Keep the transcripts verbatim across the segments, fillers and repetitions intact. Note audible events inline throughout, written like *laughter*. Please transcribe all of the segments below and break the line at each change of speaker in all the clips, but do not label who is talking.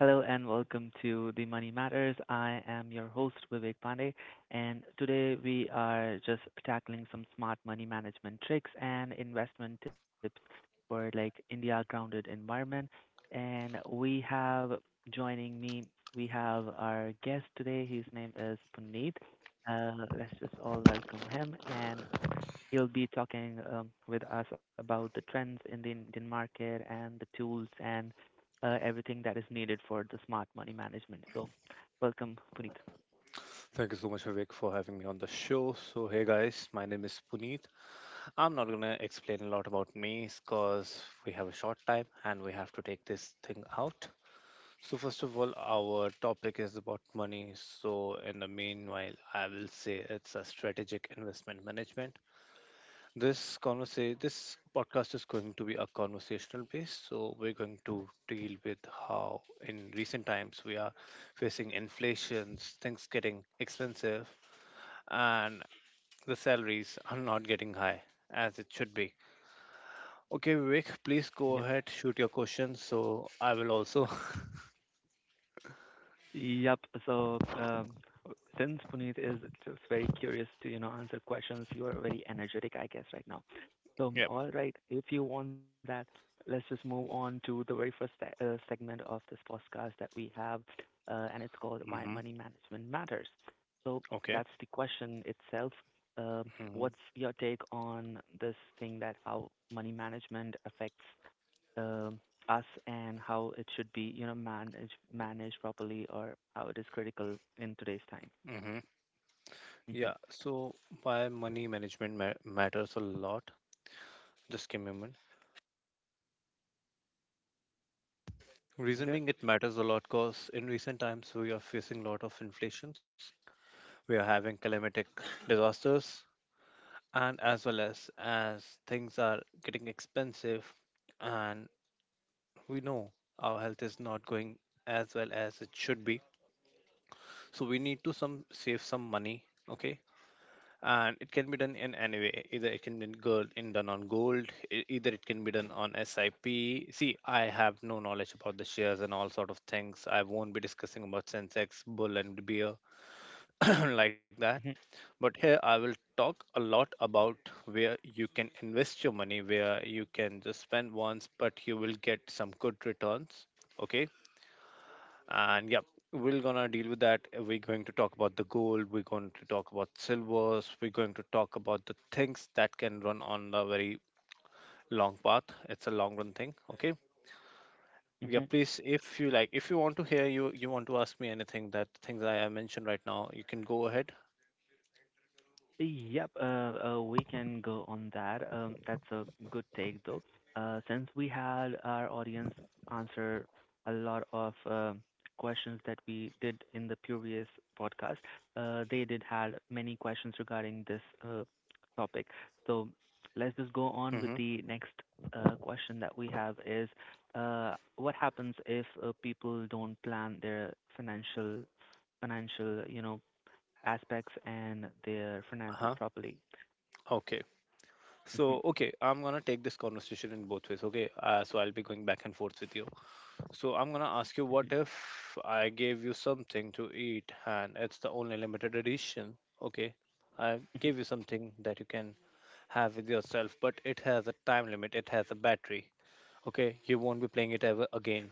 Hello and welcome to the Money Matters. I am your host Vivek Pandey, and today we are just tackling some smart money management tricks and investment tips for like India grounded environment. And we have joining me, we have our guest today. His name is Puneet. Uh, let's just all welcome him. And he will be talking um, with us about the trends in the Indian market and the tools and uh, everything that is needed for the smart money management. So, welcome, Puneet.
Thank you so much, Vivek, for having me on the show. So, hey guys, my name is Puneet. I'm not gonna explain a lot about me because we have a short time and we have to take this thing out. So, first of all, our topic is about money. So, in the meanwhile, I will say it's a strategic investment management. This conversa- this podcast is going to be a conversational base. So, we're going to deal with how in recent times we are facing inflations, things getting expensive, and the salaries are not getting high as it should be. Okay, Vivek, please go
Yep.
ahead, shoot your questions. So I will also. *laughs*
Yep. So, um, since Puneet is just very curious to, you know, answer questions, you are very energetic, I guess, right now. So,
Yep.
all right, if you want that, let's just move on to the very first se- uh, segment of this podcast that we have, uh, and it's called
Mm-hmm.
Why Money Management Matters. So,
Okay.
that's the question itself. Um,
Mm-hmm.
what's your take on this thing that how money management affects um, us and how it should be, you know, managed managed properly, or how it is critical in today's time.
Mm-hmm.
Hmm.
Yeah. So why money management ma- matters a lot? Just give me a minute. Reason
Yeah.
being, it matters a lot because in recent times we are facing a lot of inflations. We are having climatic *laughs* disasters, and as well as as things are getting expensive, and we know our health is not going as well as it should be, so we need to some save some money, okay. And it can be done in any way, either it can be gold, in done on gold e- either it can be done on sip. See, I have no knowledge about the shares and all sort of things, I won't be discussing about sensex, bull and beer *clears throat* like
Hmm.
that. But here I will talk a lot about where you can invest your money, where you can just spend once but you will get some good returns. Okay. And yeah, we're gonna deal with that. We're going to talk about the gold, we're going to talk about silvers, we're going to talk about the things that can run on the very long path. It's a long run thing, okay. Yeah,
Hmm.
please, if you like, if you want to hear, you you want to ask me anything that things I have mentioned right now, you can go ahead.
Yep, uh, uh, we can go on that. Um, that's a good take, though. Uh, since we had our audience answer a lot of uh, questions that we did in the previous podcast, uh, they did had many questions regarding this uh, topic. So let's just go
Mm-hmm.
on with the next uh, question that we have is, uh, what happens if uh, people don't plan their financial financial, you know, aspects and their finances
Uh-huh.
properly.
Okay. So
Mhm.
okay, I'm gonna take this conversation in both ways, okay. Uh, so I'll be going back and forth with you. So I'm gonna ask you,
Mhm.
what if I gave you something to eat and it's the only limited edition? Okay, I
Mhm.
gave you something that you can have with yourself, but it has a time limit, it has a battery. Okay, you won't be playing it ever again,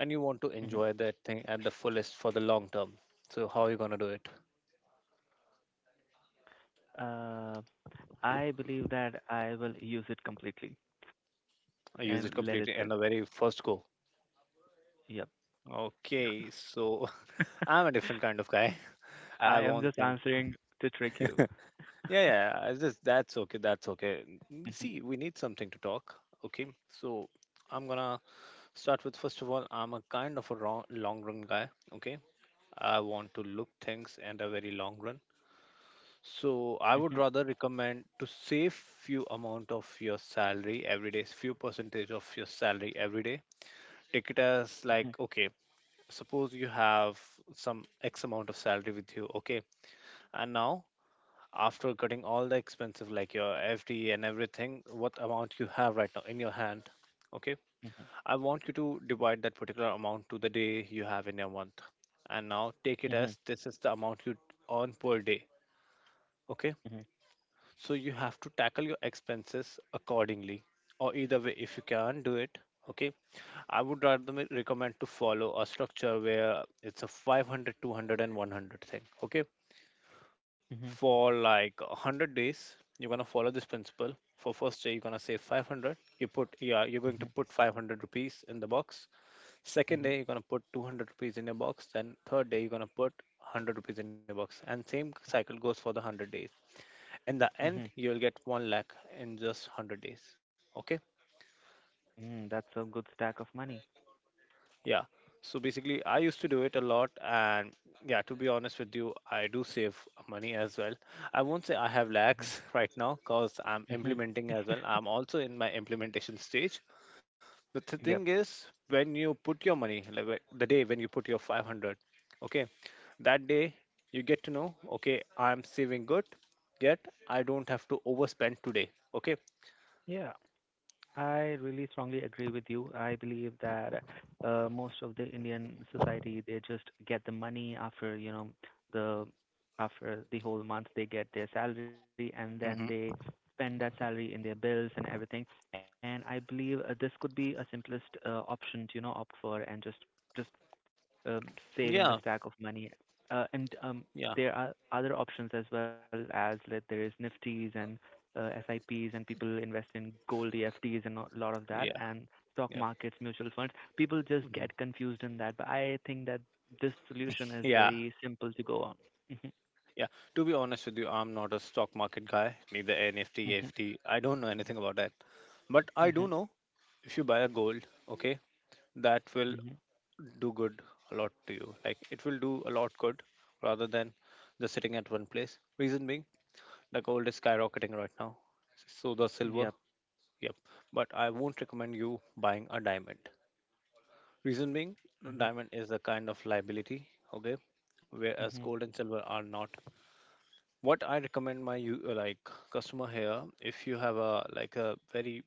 and you want to
Mhm.
enjoy that thing at the fullest for the long term. So how are you gonna do it?
Uh, I believe that I will use it completely
I use
and
it
let it
completely in
sit.
the very first go.
Yep.
Okay, so *laughs*
*laughs*
I'm a different kind of guy. I
I am
want
just
things.
answering to trick you.
*laughs* Yeah, yeah. I just That's okay. That's okay. N-
Mhm.
See, we need something to talk. Okay, so I'm gonna start with, first of all, I'm a kind of a wrong, long run guy. Okay, I want to look things in a very long run. So I would
Mhm.
rather recommend to save few amount of your salary every day, few percentage of your salary every day. Take it as
Mhm.
like okay, suppose you have some X amount of salary with you. Okay, and now after cutting all the expenses like your F D and everything, what amount you have right now in your hand. Okay,
Mhm.
I want you to divide that particular amount to the day you have in your month, and now take it
Mhm.
as this is the amount you earn per day. Okay,
Mhm.
so you have to tackle your expenses accordingly, or either way, if you can do it. Okay, I would rather me- recommend to follow a structure where it's a five hundred, two hundred, and one hundred thing. Okay,
Mhm.
for like one hundred days you're going to follow this principle. For first day you're going to save five hundred, you put yeah, you're going
Mhm.
to put five hundred rupees in the box. Second
Mhm.
day you're going to put two hundred rupees in your box, then third day you're going to put one hundred rupees in your box, and same cycle goes for the one hundred days. In the end
Mhm.
you will get one lakh in just one hundred days, okay.
Mm, that's a good stack of money.
Yeah. So basically, I used to do it a lot, and yeah, to be honest with you, I do save money as well. I won't say I have
Mhm.
lakhs *laughs* right now because I'm
Mhm.
implementing as well.
*laughs*
I'm also in my implementation stage. But the thing
Yep.
is, when you put your money, like wh- the day when you put your five hundred, okay, that day you get to know, okay, I'm saving good, yet I don't have to overspend today, okay.
Yeah. I really strongly agree with you. I believe that uh, most of the Indian society, they just get the money after, you know, the after the whole month, they get their salary and then they
Hmm.
spend that salary in their bills and everything. And I believe uh, this could be a simplest uh, option to, you know, opt for and just just um, saving the
Yeah,
stack of money. Uh, and um,
yeah,
there are other options as well as like, there is Nifties and uh, SIPs and people invest in gold E F Ts, and a lot of that
yeah,
and stock
yeah.
markets, mutual funds. People just
Mhm.
get confused in that, but I think that this solution is
Yeah.
very simple to go on. Mhm.
Yeah, to be honest with you, I'm not a stock market guy, neither N F T,
Mhm.
A F T. I don't know anything about that. But I do
Mhm.
know, if you buy a gold, okay, that will
Mhm.
do good a lot to you. Like it will do a lot good rather than just sitting at one place. Reason being, the gold is skyrocketing right now. So the silver,
Yep.
yep. But I won't recommend you buying a diamond. Reason being,
Mhm.
diamond is a kind of liability, okay,
Mhm.
whereas gold and silver are not. What I recommend, my u- uh, like, customer here, if you have a like a very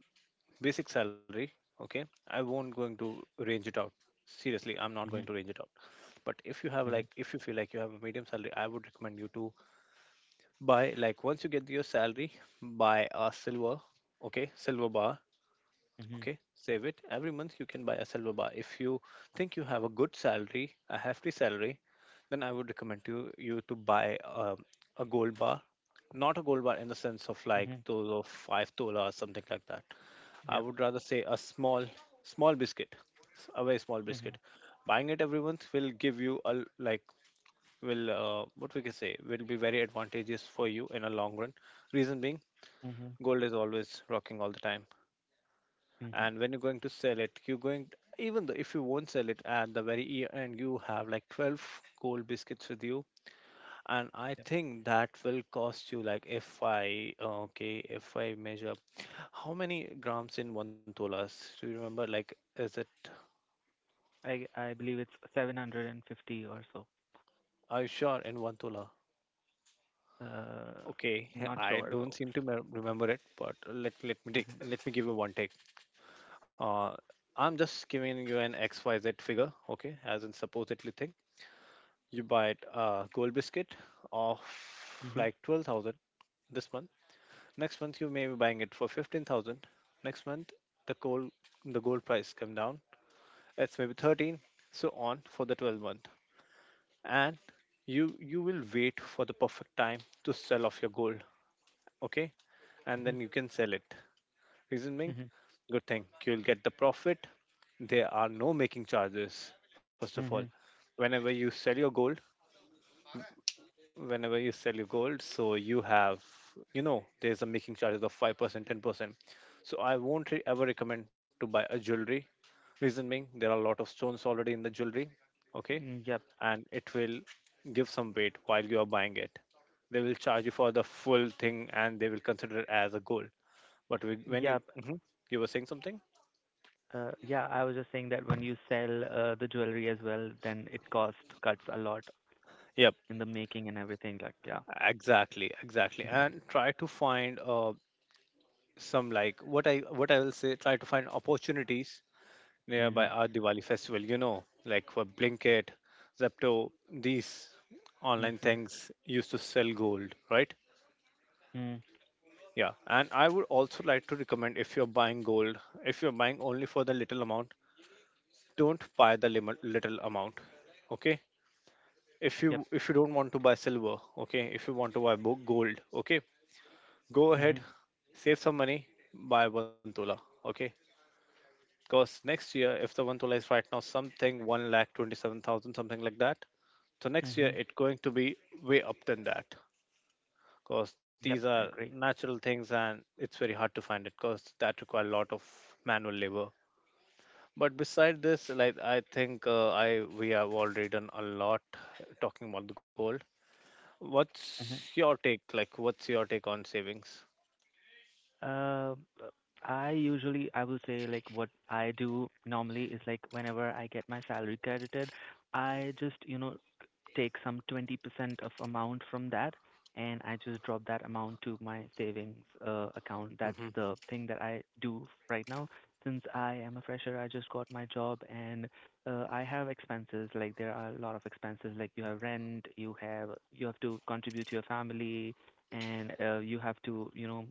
basic salary, okay, I won't going to range it out. Seriously, I'm not going to
Mhm.
range it out. But if you have
Mhm.
like, if you feel like you have a medium salary, I would recommend you to buy, like, once you get your salary, buy a silver, okay, silver bar.
Mhm.
Okay, save it. Every month you can buy a silver bar. If you think you have a good salary, a hefty salary, then I would recommend you you to buy um, a gold bar. Not a gold bar in the sense of like
Mhm.
those of five tola or something like that. I
Yep.
would rather say a small, small biscuit, s- a very small
Mhm.
biscuit. Buying it every month will give you a l- like, will, uh, what we can say, will be very advantageous for you in a long run. Reason being,
Mhm.
gold is always rocking all the time,
Mhm.
and when you're going to sell it, you're going even though if you won't sell it at the very year end, you have like twelve gold biscuits with you. And I think that will cost you, like, if i okay if i measure how many grams in one tola. Do you remember, like, is it?
I I believe it's seven hundred fifty or so.
Are you sure, in one tola?
Uh,
Okay, *laughs*
not
I
sure
don't
though.
seem to me- remember it, but let, let me take
Mm-hmm.
let me give you one take. uh I'm just giving you an xyz figure, okay, as in supposedly thing. You buy a gold biscuit of
Mm-hmm.
like twelve thousand this month. Next month you may be buying it for fifteen thousand. Next month the gold the gold price come down. It's maybe thirteen, so on for the twelve month. And you you will wait for the perfect time to sell off your gold, okay? And then you can sell it. Reason
Mm-hmm. Mm-hmm.
being, good thing you'll get the profit. There are no making charges. First of all,
Mm-hmm.
whenever you sell your gold, whenever you sell your gold so you have, you know there's a making charges of five percent ten percent. So I won't re- ever recommend to buy a jewelry. Reason being, there are a lot of stones already in the jewelry, okay.
Yep.
And it will give some weight while you are buying it, they will charge you for the full thing and they will consider it as a gold. But with- when you...
Yep.
Mhm. You were saying something.
Uh, yeah, I was just saying that when you sell uh, the jewelry as well, then it cost cuts a lot in the
Yep,
making and everything. Like, yeah.
exactly,
Mm-hmm.
exactly. And try to find uh, some, like, what I what I will say, try to find opportunities nearby
Mm-hmm.
our Diwali festival, you know, like for Blinkit, Zepto, these online
Mm-hmm.
things used to sell gold, right?
Mm.
Yeah, and I would also like to recommend, if you're buying gold, if you're buying only for the little amount, don't buy the lim- little amount, okay? If
Yep.
you if you don't want to buy silver, okay, if you want to buy bo- gold, okay, go
Mm-hmm.
ahead, save some money, buy one tola, okay? Because next year, if the one tola is right now something one lakh twenty seven thousand, something like that, so next year
Mm-hmm.
it's going to be way up than that. Because these
Yep.
are
I agree.
natural things, and it's very hard to find it. Because that require a lot of manual labor. But beside this, like, I think uh, I we have already done a lot talking about the gold. What's
Mm-hmm.
your take? Like, what's your take on savings?
Uh, uh, I usually I will say, like, what I do normally is like whenever I get my salary credited, I just, you know, take some twenty percent of amount from that, and I just drop that amount to my savings uh, account. That's
Mm-hmm.
the thing that I do right now. Since I am a fresher, I just got my job and uh, I have expenses. Like there are a lot of expenses. Like you have rent, you have you have to contribute to your family, and uh, you have to, you know,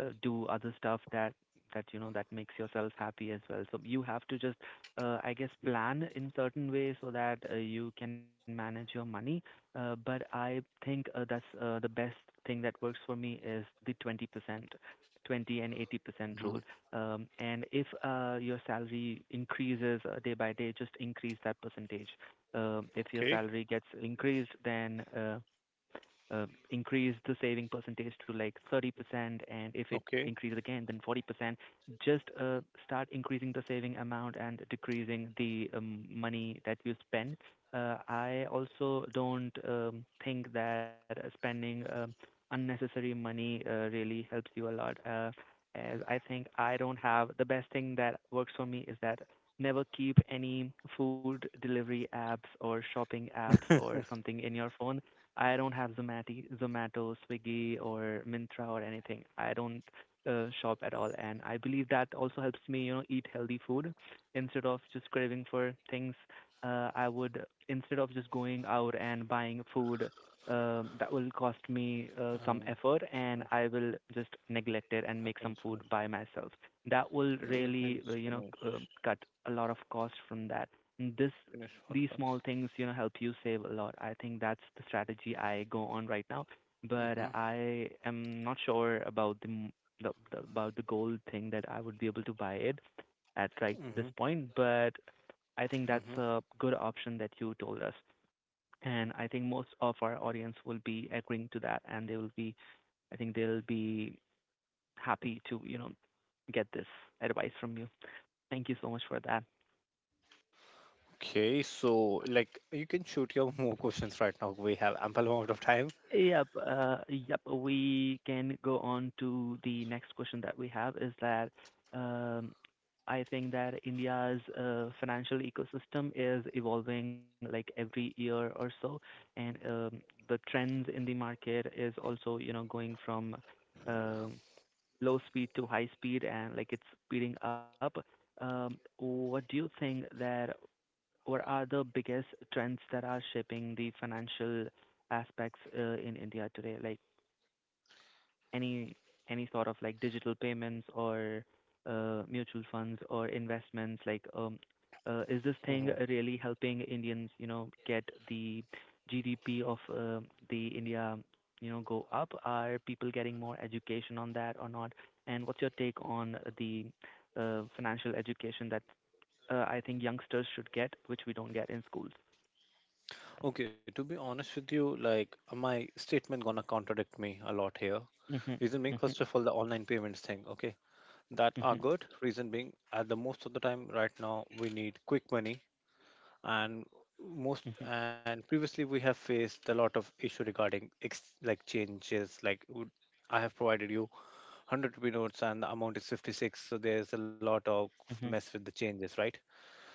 uh, do other stuff that that you know that makes yourself happy as well. So you have to just, uh, I guess, plan in certain way so that uh, you can manage your money. Uh, but I think uh, that's uh, the best thing that works for me is the twenty percent. twenty and eighty percent
Mm-hmm.
rule. Um, and if uh, your salary increases uh, day by day, just increase that percentage. Um, if your
Okay.
salary gets increased, then uh, uh, increase the saving percentage to like thirty percent, and if it
Okay.
increases again, then forty percent, just uh, start increasing the saving amount and decreasing the um, money that you spend. uh, I also don't um, think that spending um unnecessary money uh, really helps you a lot. Uh, as I think I don't have The best thing that works for me is that never keep any food delivery apps or shopping apps or something in your phone. I don't have Zomati, Zomato, Swiggy, or Mintra or anything. I don't uh, shop at all, and I believe that also helps me, you know, eat healthy food instead of just craving for things. Uh, I would, instead of just going out and buying food um that will cost me uh, some
Uh,
effort,
just
and
finish.
I will just neglect it and
Let
make
me
some
just
food
finish.
by myself. That will
Let me
really, uh,
just
you know,
finish.
c- um cut a lot of cost from that. And This
Finish
these
podcast.
small things, you know, help you save a lot. I think that's the strategy I go on right now, but
Mm-hmm,
I am not sure about the, m- the, the about the gold thing that I would be able to buy it at right
mm-hmm,
this point, but I think that's
mm-hmm.
a good option that you told us. And I think most of our audience will be agreeing to that, and they will be, I think they'll be happy to, you know, get this advice from you. Thank you so much for that.
Okay, so, like, you can shoot your *laughs* more questions right now. We have ample amount of time.
Yep, uh, yep. We can go on to the next question that we have is that um, I think that India's uh, financial ecosystem is evolving like every year or so, and um, the trends in the market is also, you know, going from um, low speed to high speed, and like it's speeding up. Um, what do you think that what are the biggest trends that are shaping the financial aspects uh, in India today? Like any any sort of like digital payments or uh, mutual funds or investments? Like, um, uh, is this thing
Mm-hmm.
really helping Indians, you know, get the G D P of uh, the India, you know, go up? Are people getting more education on that or not? And what's your take on the uh, financial education that uh, I think youngsters should get, which we don't get in schools?
Okay, to be honest with you, like my statement gonna contradict me a lot here.
Mhm.
Reason being,
Mhm.
first of all, the online payments thing. Okay, that are
Mhm.
good. Reason being, at the most of the time right now, we need quick money, and most
Mhm. Mhm.
and previously we have faced a lot of issue regarding ex- like changes. Like would- I have provided you one hundred rupee notes and the amount is fifty-six, so there's a lot of
Mhm.
mess with the changes, right?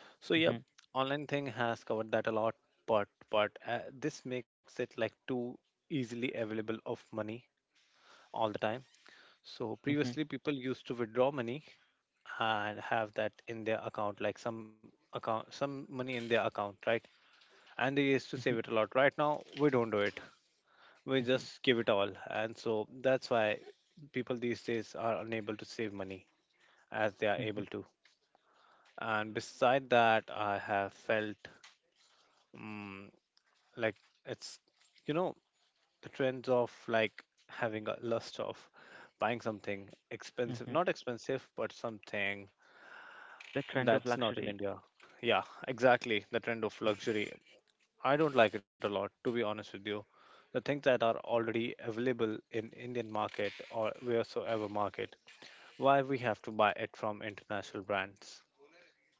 So yeah,
Mhm.
online thing has covered that a lot, but but uh, this makes it like too easily available of money all the time. So previously people used to withdraw money and have that in their account, like some account some money in their account, right? And they used to
Mhm.
save it a lot. Right now we don't do it. We
Mhm.
just give it all, and so that's why people these days are unable to save money as they are able
Mhm.
to. And beside that, I have felt um, like it's, you know, the trends of like having a lust of buying something expensive,
Mhm.
not expensive, but something
The trend of
that's not in
luxury.
India. Yeah, exactly. The trend of luxury. I don't like it a lot, to be honest with you. The things that are already available in Indian market or wheresoever market, why we have to buy it from international brands?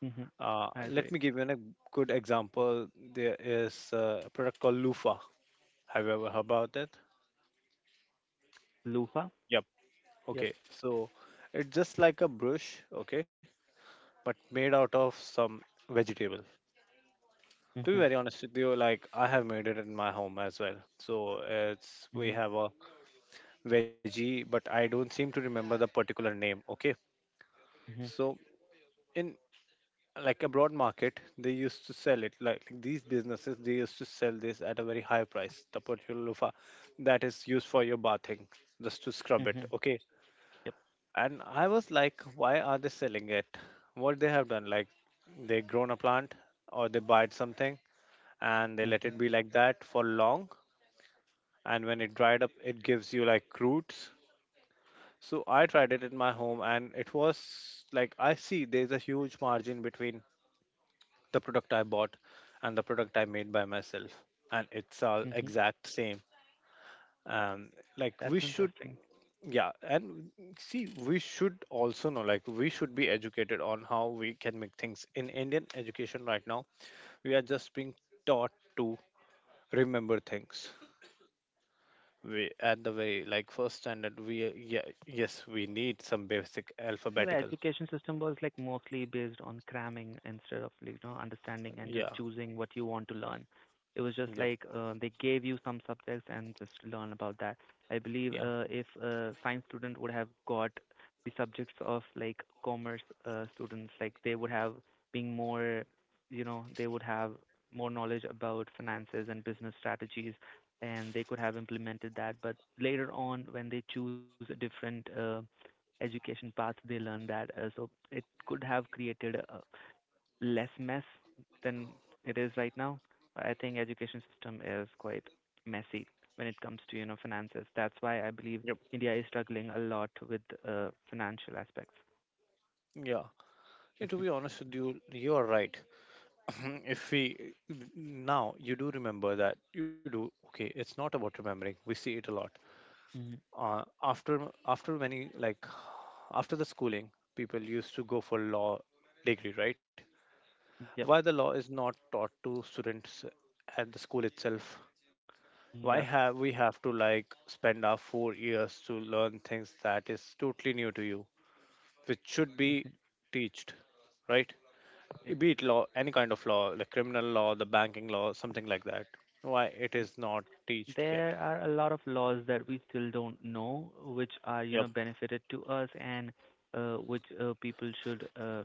Hmm.
Uh,
I
let
agree.
me give you a good example. There is a product called Lufa. Have you ever heard about it?
Lufa.
Yep.
Yep.
Okay. So it's just like a brush, okay, but made out of some vegetable. To be
Hmm.
very honest with you, like I have made it in my home as well. So it's we
Hmm.
have a veggie, but I don't seem to remember the particular name. Okay.
Hmm.
So in like abroad market, they used to sell it, like like these businesses, they used to sell this at a very high price, the particular loofah that is used for your bathing, just to scrub it,
Hmm.
okay.
Yep.
And I was like, why are they selling it? What they have done? Like, they grown a plant or they bite something, and they
Hmm.
let it be like that for long. And when it dried up, it gives you like roots. So I tried it in my home, and it was like, I see there's a huge margin between the product I bought and the product I made by myself, and it's all
Hmm.
exact same. Um, like we
That's
should,
interesting.
yeah, and see, we should also know, like we should be educated on how we can make things. In Indian education right now, we are just being taught to remember things. We at the very like first standard, we uh, yeah, yes, we need some basic
Yeah, the
alphabetical.
education system was like mostly based on cramming instead of, like, you know, understanding and
Yeah,
just choosing what you want to learn. It was just
yep,
like uh, they gave you some subjects and just learn about that. I believe
yeah,
uh, if a science student would have got the subjects of like commerce uh, students, like they would have been more, you know, they would have more knowledge about finances and business strategies, and they could have implemented that. But later on, when they choose different uh, education path, they learn that, uh, so it could have created uh, less mess than it is right now. I think education system is quite messy when it comes to, you know, finances. That's why I believe India is struggling a lot with uh, financial aspects.
yeah.
Mhm.
And to be honest with you, you are right. *clears throat* Hmm, if we now you do remember that you do, okay. It's not about remembering. We see it a lot.
Mhm.
Uh, after after many, like after the schooling, people used to go for law degree, right?
Yep.
Why the law is not taught to students at the school itself? Why
Yep.
have we have to like spend our four years to learn things that is totally new to you, which should be
Mhm.
teached, right?
Yep.
Be it law, any kind of law, like criminal law, the banking law, something like that, why it
Mm.
is not teached yet?
There are a lot of laws that we still don't know, which are, you know,
Yep.
benefited to us and uh, which uh, people should uh,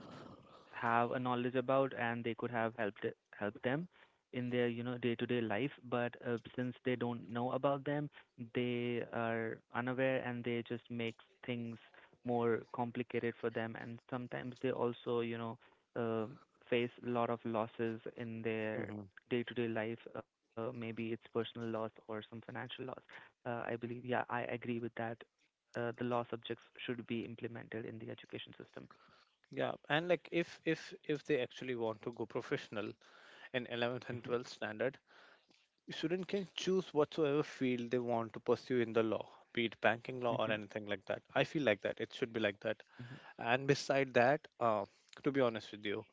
have a knowledge about, and they could have helped it- helped them in their, you know, day-to-day life. But uh, since they don't know about them, they are unaware and they just make things more complicated for them, and sometimes they also, you know, uh, face a lot of losses in their
Hmm.
day-to-day life. Uh, maybe it's personal loss or some financial loss. uh, I believe, yeah, I agree with that. Uh, the law subjects should be implemented in the education system.
Yeah, and like if if if they actually want to go professional in eleventh and twelfth standard, student can choose whatsoever field they want to pursue in the law, be it banking law or
Hmm.
anything like that. I feel like that it should be like that.
Hmm.
And beside that, uh, to be honest with you,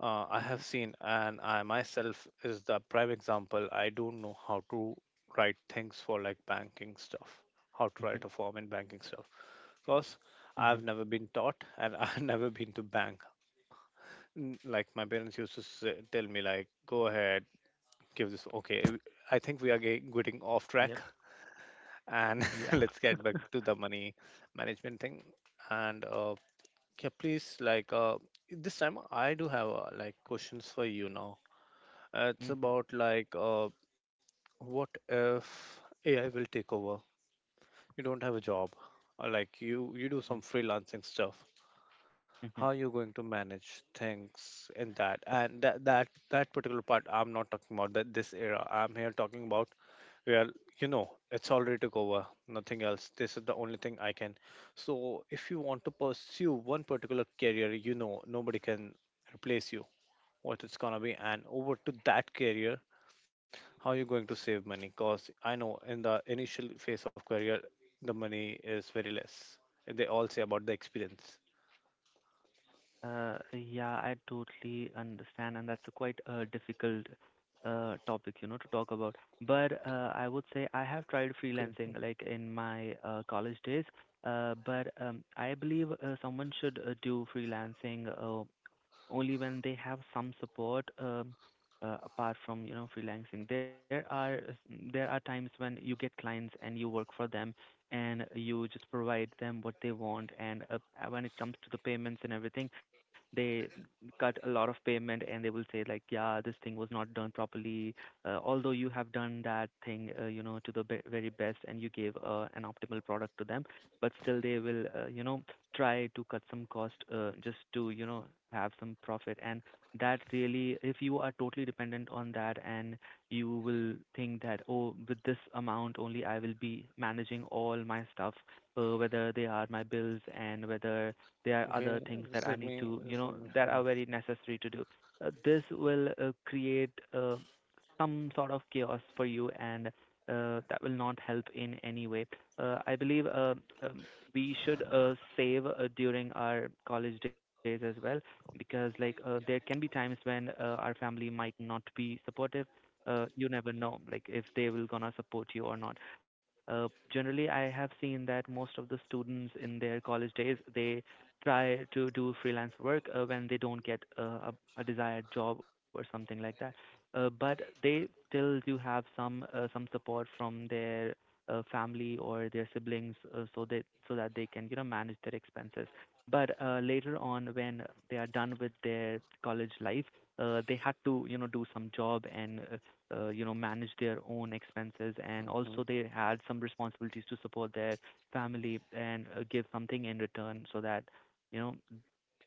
uh, I have
Mhm.
seen, and I myself is the prime example. I don't know how to write things for like banking stuff, how to
Mhm.
write a form in banking stuff, because
Mhm.
I've never been taught, and *laughs* I've never been to bank. N- Like, my parents used to say, tell me, like, go ahead, give this. Okay, I think we are ge- getting off
Yep.
track, and *laughs*
Yeah.
let's get back
*laughs*
to the money management thing. And uh, yeah, please, like, uh, this time I do have uh, like questions for you now. uh, It's
Mhm.
about like, uh, what if A I will take over? You don't have a job, or like you you do
Mhm.
some freelancing stuff. How are
Mhm.
you going to manage things in that? And that that that particular part, I'm not talking about that this era. I'm here talking about, well, you know, it's already took over, nothing else. This is the only thing I can. So, if you want to pursue one particular career, you know, nobody can replace you. What it's gonna be, and over to that career, how are you going to save money? Because I know in the initial phase of career, the money is very less. They all say about the experience.
Uh, yeah, I totally understand, and that's a quite uh, difficult uh, topic, you know, to talk about. But uh, I would say I have tried
Okay.
freelancing, like in my uh, college days. Uh, but um, I believe uh, someone should uh, do freelancing uh, only when they have some support, um, uh, apart from you know freelancing, there are there are times when you get clients and you work for them, and you just provide them what they want. And uh, when it comes to the payments and everything, they cut a lot of payment and they will say like, yeah, this thing was not done properly, uh, although you have done that thing uh, you know to the be- very best, and you gave uh, an optimal product to them. But still they will, uh, you know try to cut some cost uh, just to, you know have some profit. And that really, if you are totally dependent on that, and you will think that, oh, with this amount only I will be managing all my stuff, uh, whether they are my bills, and whether there are other
Okay.
things
Just
that I
let
need
me.
to, you
Just
know
let me
that are
finish.
very necessary to do. Uh, this will uh, create uh, some sort of chaos for you, and uh, that will not help in any way. uh, I believe, uh, um, we should uh, save uh, during our college days as well, because like, uh, there can be times when uh, our family might not be supportive. Uh, you never know, like if they will gonna support you or not. Uh, generally, I have seen that most of the students in their college days, they try to do freelance work uh, when they don't get uh, a, a desired job or something like that. Uh, but they still do have some, uh, some support from their uh, family or their siblings, uh, so that so that they can, you know manage their expenses. But uh, later on, when they are done with their college life, uh, they had to, you know do some job, and uh, uh, you know manage their own expenses, and
Mm-hmm.
also they had some responsibilities to support their family, and uh, give something in return, so that, you know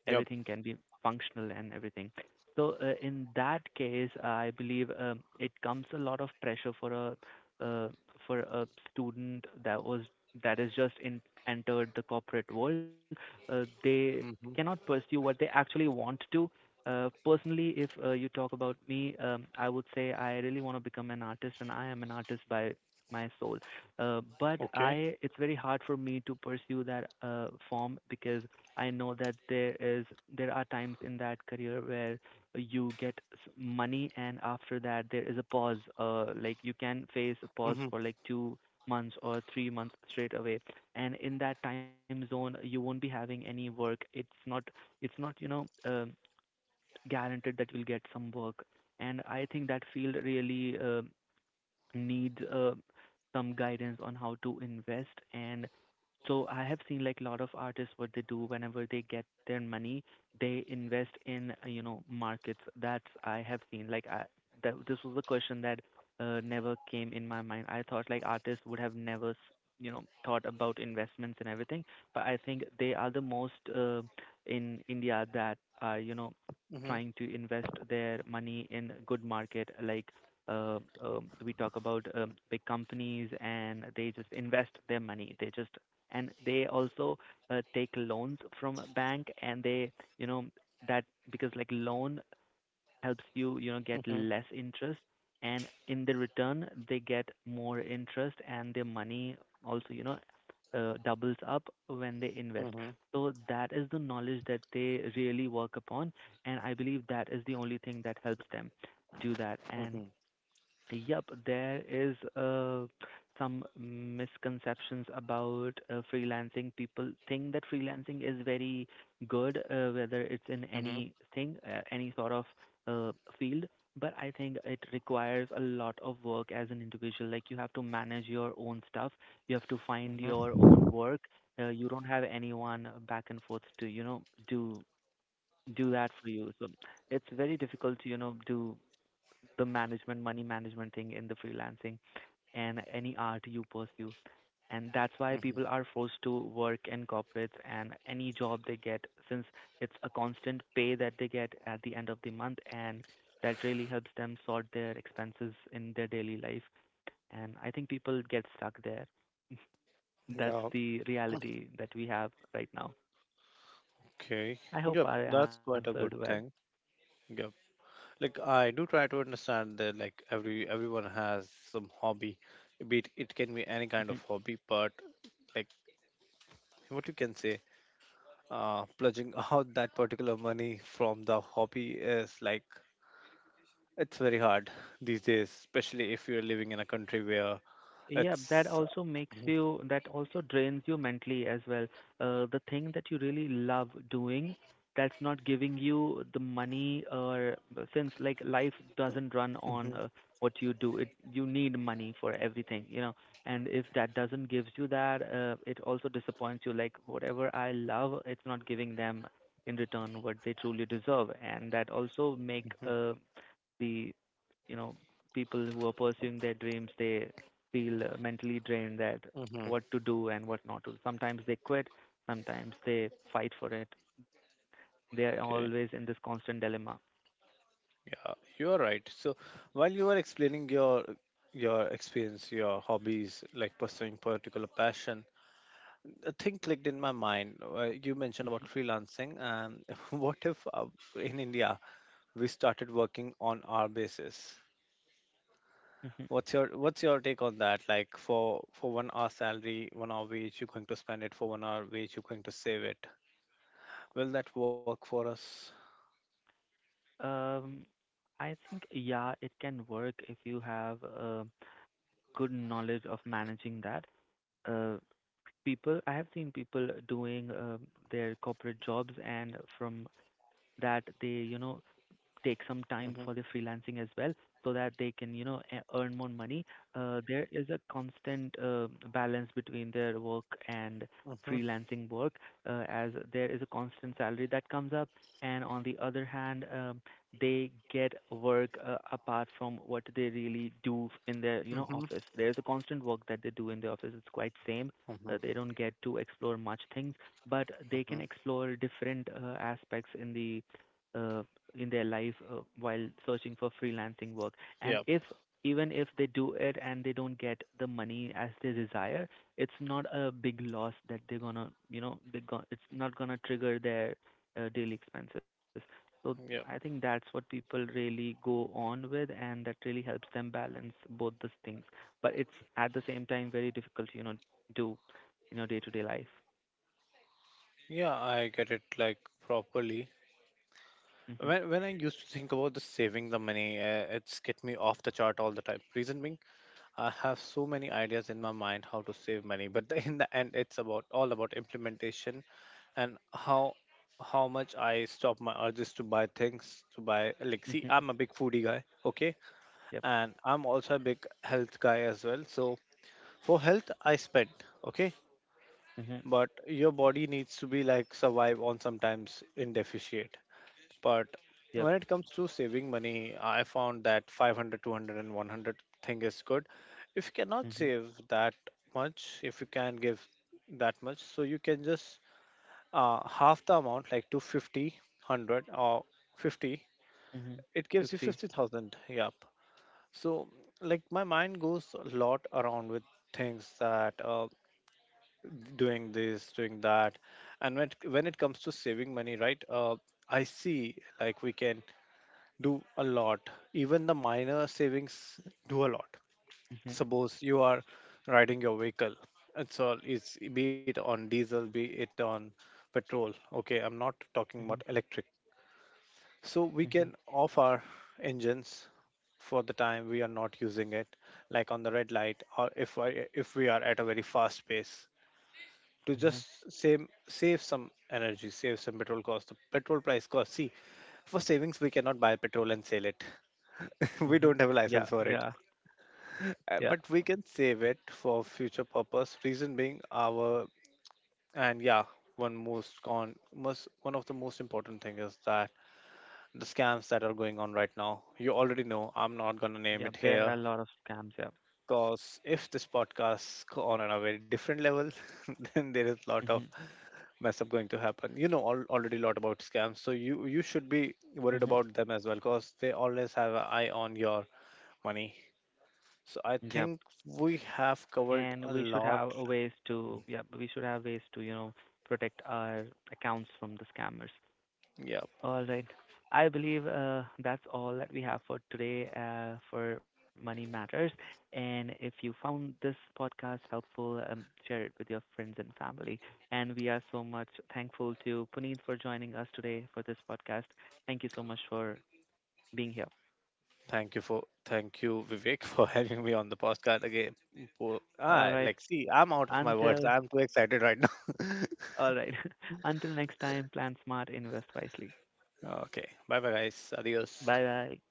Yep.
everything can be functional and everything. So uh, in that case, I believe, um, it comes a lot of pressure for a, uh, for a student that was that is just in, entered the corporate world. Uh, they cannot
Mm-hmm.
pursue what they actually want to. Uh, personally, if uh, you talk about me, um, I would say I really want to become an artist, and I am an artist by my soul. Uh, but
Okay.
I, it's very hard for me to pursue that uh, form, because I know that there is there are times in that career where you get s- money, and after that there is a pause. Uh like you can face a pause
Mm-hmm.
for like two months or three months straight away, and in that time zone you won't be having any work. It's not it's not, you know um guaranteed that you'll get some work. And I think that field really uh, needs uh, some guidance on how to invest. And so I have seen like a lot of artists, what they do whenever they get their money, they invest in, uh, you know markets. That's, I have seen like I, that this was a question that uh, never came in my mind. I thought like artists would have never, s- you know thought about investments and everything, but I think they are the most uh, in India that are, you know
Mm-hmm.
trying to invest their money in good market like. Uh, um, we talk about um, big companies and they just invest their money. They just, and they also uh, take loans from a bank, and they, you know that, because like loan helps you, you know get
Mm-hmm.
less interest, and in the return they get more interest, and their money also, you know uh, doubles up when they invest.
Mm-hmm.
So that is the knowledge that they really work upon, and I believe that is the only thing that helps them do that. And
Mm-hmm.
yep, there is uh, some misconceptions about uh, freelancing. People think that freelancing is very good, uh, whether it's in
Mm-hmm.
anything, uh, any sort of uh, field. But I think it requires a lot of work as an individual. Like you have to manage your own stuff. You have to find your own work. Uh, you don't have anyone back and forth to, you know, do do that for you. So it's very difficult to, you know, do the management, money management thing in the freelancing and any art you pursue. And that's why
Mm-hmm.
people are forced to work in corporates and any job they get, since it's a constant pay that they get at the end of the month, and that really helps them sort their expenses in their daily life. And I think people get stuck there. *laughs* That's
Yeah.
the reality that we have right now.
Okay.
I hope
Yep.
I
That's
answered
quite a
well.
good thing. Yep. Like I do try to understand that like every everyone has some hobby, be it, it can be any kind of
*laughs*
hobby, but like what you can say uh, pledging *laughs* out that particular money from the hobby is like, it's very hard these days, especially if you're living in a country where
Yeah, that
it's.
also makes
Mhm,
you, that also drains you mentally as well. Uh, the thing that you really love doing, that's not giving you the money. Or since like life doesn't run on,
mhm,
uh, what you do, it you need money for everything, you know. And if that doesn't gives you that, uh, it also disappoints you. Like whatever I love, it's not giving them in return what they truly deserve, and that also make, uh, the you know people who are pursuing their dreams, they feel uh, mentally drained that
mhm.
what to do and what not to do. Sometimes they quit, sometimes they fight for it, they are
Okay,
always in this constant dilemma.
yeah, you are right. So while you were explaining your your experience, your hobbies, like pursuing particular passion, a thing clicked in my mind. Uh, you mentioned about freelancing, and *laughs* what if uh, in India we started working on our basis?
Mhm.
What's your what's your take on that? Like for for one hour salary, one hour wage, you're going to spend it. For one hour wage, you're going to save it. Will that work for us?
um I think yeah, it can work if you have a good knowledge of managing that. uh People, I have seen people doing uh their corporate jobs, and from that they, you know take some time for their
Mm-hmm,
freelancing as well, so that they can, you know e- earn more money. Uh, there is a constant uh, balance between their work and
mm-hmm,
freelancing work. Uh, as there is a constant salary that comes up, and on the other hand, um, they get work uh, apart from what they really do in their, you know
mm-hmm,
office. There's a constant work that they do in the office, it's quite same.
mm-hmm,
Uh, they don't get to explore much things, but they
mm-hmm.
can explore different uh, aspects in the, uh, in their life, uh, while searching for freelancing work.
Yeah,
And if, even if they do it and they don't get the money as they desire, it's not a big loss that they're gonna, you know they go- it's not gonna trigger their uh, daily expenses. So I
yeah,
think that's what people really go on with, and that really helps them balance both those things. But it's at the same time very difficult, you know, do in your day to day life.
yeah. I get it, like, properly. When when
Mhm.
I used to think about the saving the money, uh, it's get me off the chart all the time. Reason being, I have so many ideas in my mind how to save money, but *laughs* in the end, it's about all about implementation and how how much I stop my urges to buy things to buy. Like, see, I'm
Mhm.
a big foodie guy, okay,
Yep.
and I'm also a big health guy as well. So for health, I spend, okay,
Mhm.
but your body needs to be like survive on sometimes in deficit. But when
Yep.
it comes to saving money, I found that five hundred, two hundred, and one hundred thing is good. If you cannot
Mhm.
save that much, if you can give that much, so you can just uh, half the amount, like two hundred fifty, one hundred, or fifty.
Mhm.
It gives you
fifty.
fifty thousand. Yep. So, like, my mind goes a lot around with things that uh, doing this, doing that. And when it, when it comes to saving money, right? Uh, I see like we can do a lot. Even the minor savings do a lot.
Mhm.
Suppose you are riding your vehicle. It's all, it's be it on diesel, be it on petrol. Okay, I'm not talking about
Mm-hmm.
electric. So we
Mm-hmm.
can off our engines for the time we are not using it, like on the red light, or if I, if we are at a very fast pace to
Mm-hmm.
just save save some energy, save some petrol cost. The petrol price cost. See, for savings we cannot buy petrol and sell it, *laughs* we
Mm-hmm.
don't have a
Yep.
license for it.
Yeah.
Uh, but we can save it for future purpose, reason being our, and yeah, one most con most, one of the most important thing is that the scams that are going on right now, you already know, I'm not gonna name it
Yep. There are
here,
a lot of scams. Yep.
because if this podcast go on on a very different level, *laughs* then there is a lot of
Mm-hmm.
mess up going to happen. You know all, already a lot about scams, so you you should be worried
Mm-hmm.
about them as well, because they always have an eye on your money. So I
Yep.
think we have covered
And
a
we should
lot.
have a ways to, yep, we should have ways to, you know, protect our accounts from the scammers.
Yeah.
All right. I believe uh, that's all that we have for today uh, for Money Matters. And if you found this podcast helpful, um, share it with your friends and family. And we are so much thankful to Puneet for joining us today for this podcast. Thank you so much for being here.
Thank you for thank you Vivek, *laughs* for having me on the podcast again. For,
All
ah,
right.
like see, I'm out of my words.
Until
I'm too excited right now.
All right. *laughs* Until next time, plan smart, invest wisely.
*laughs* Okay. Bye bye, guys. Adios.
Bye bye.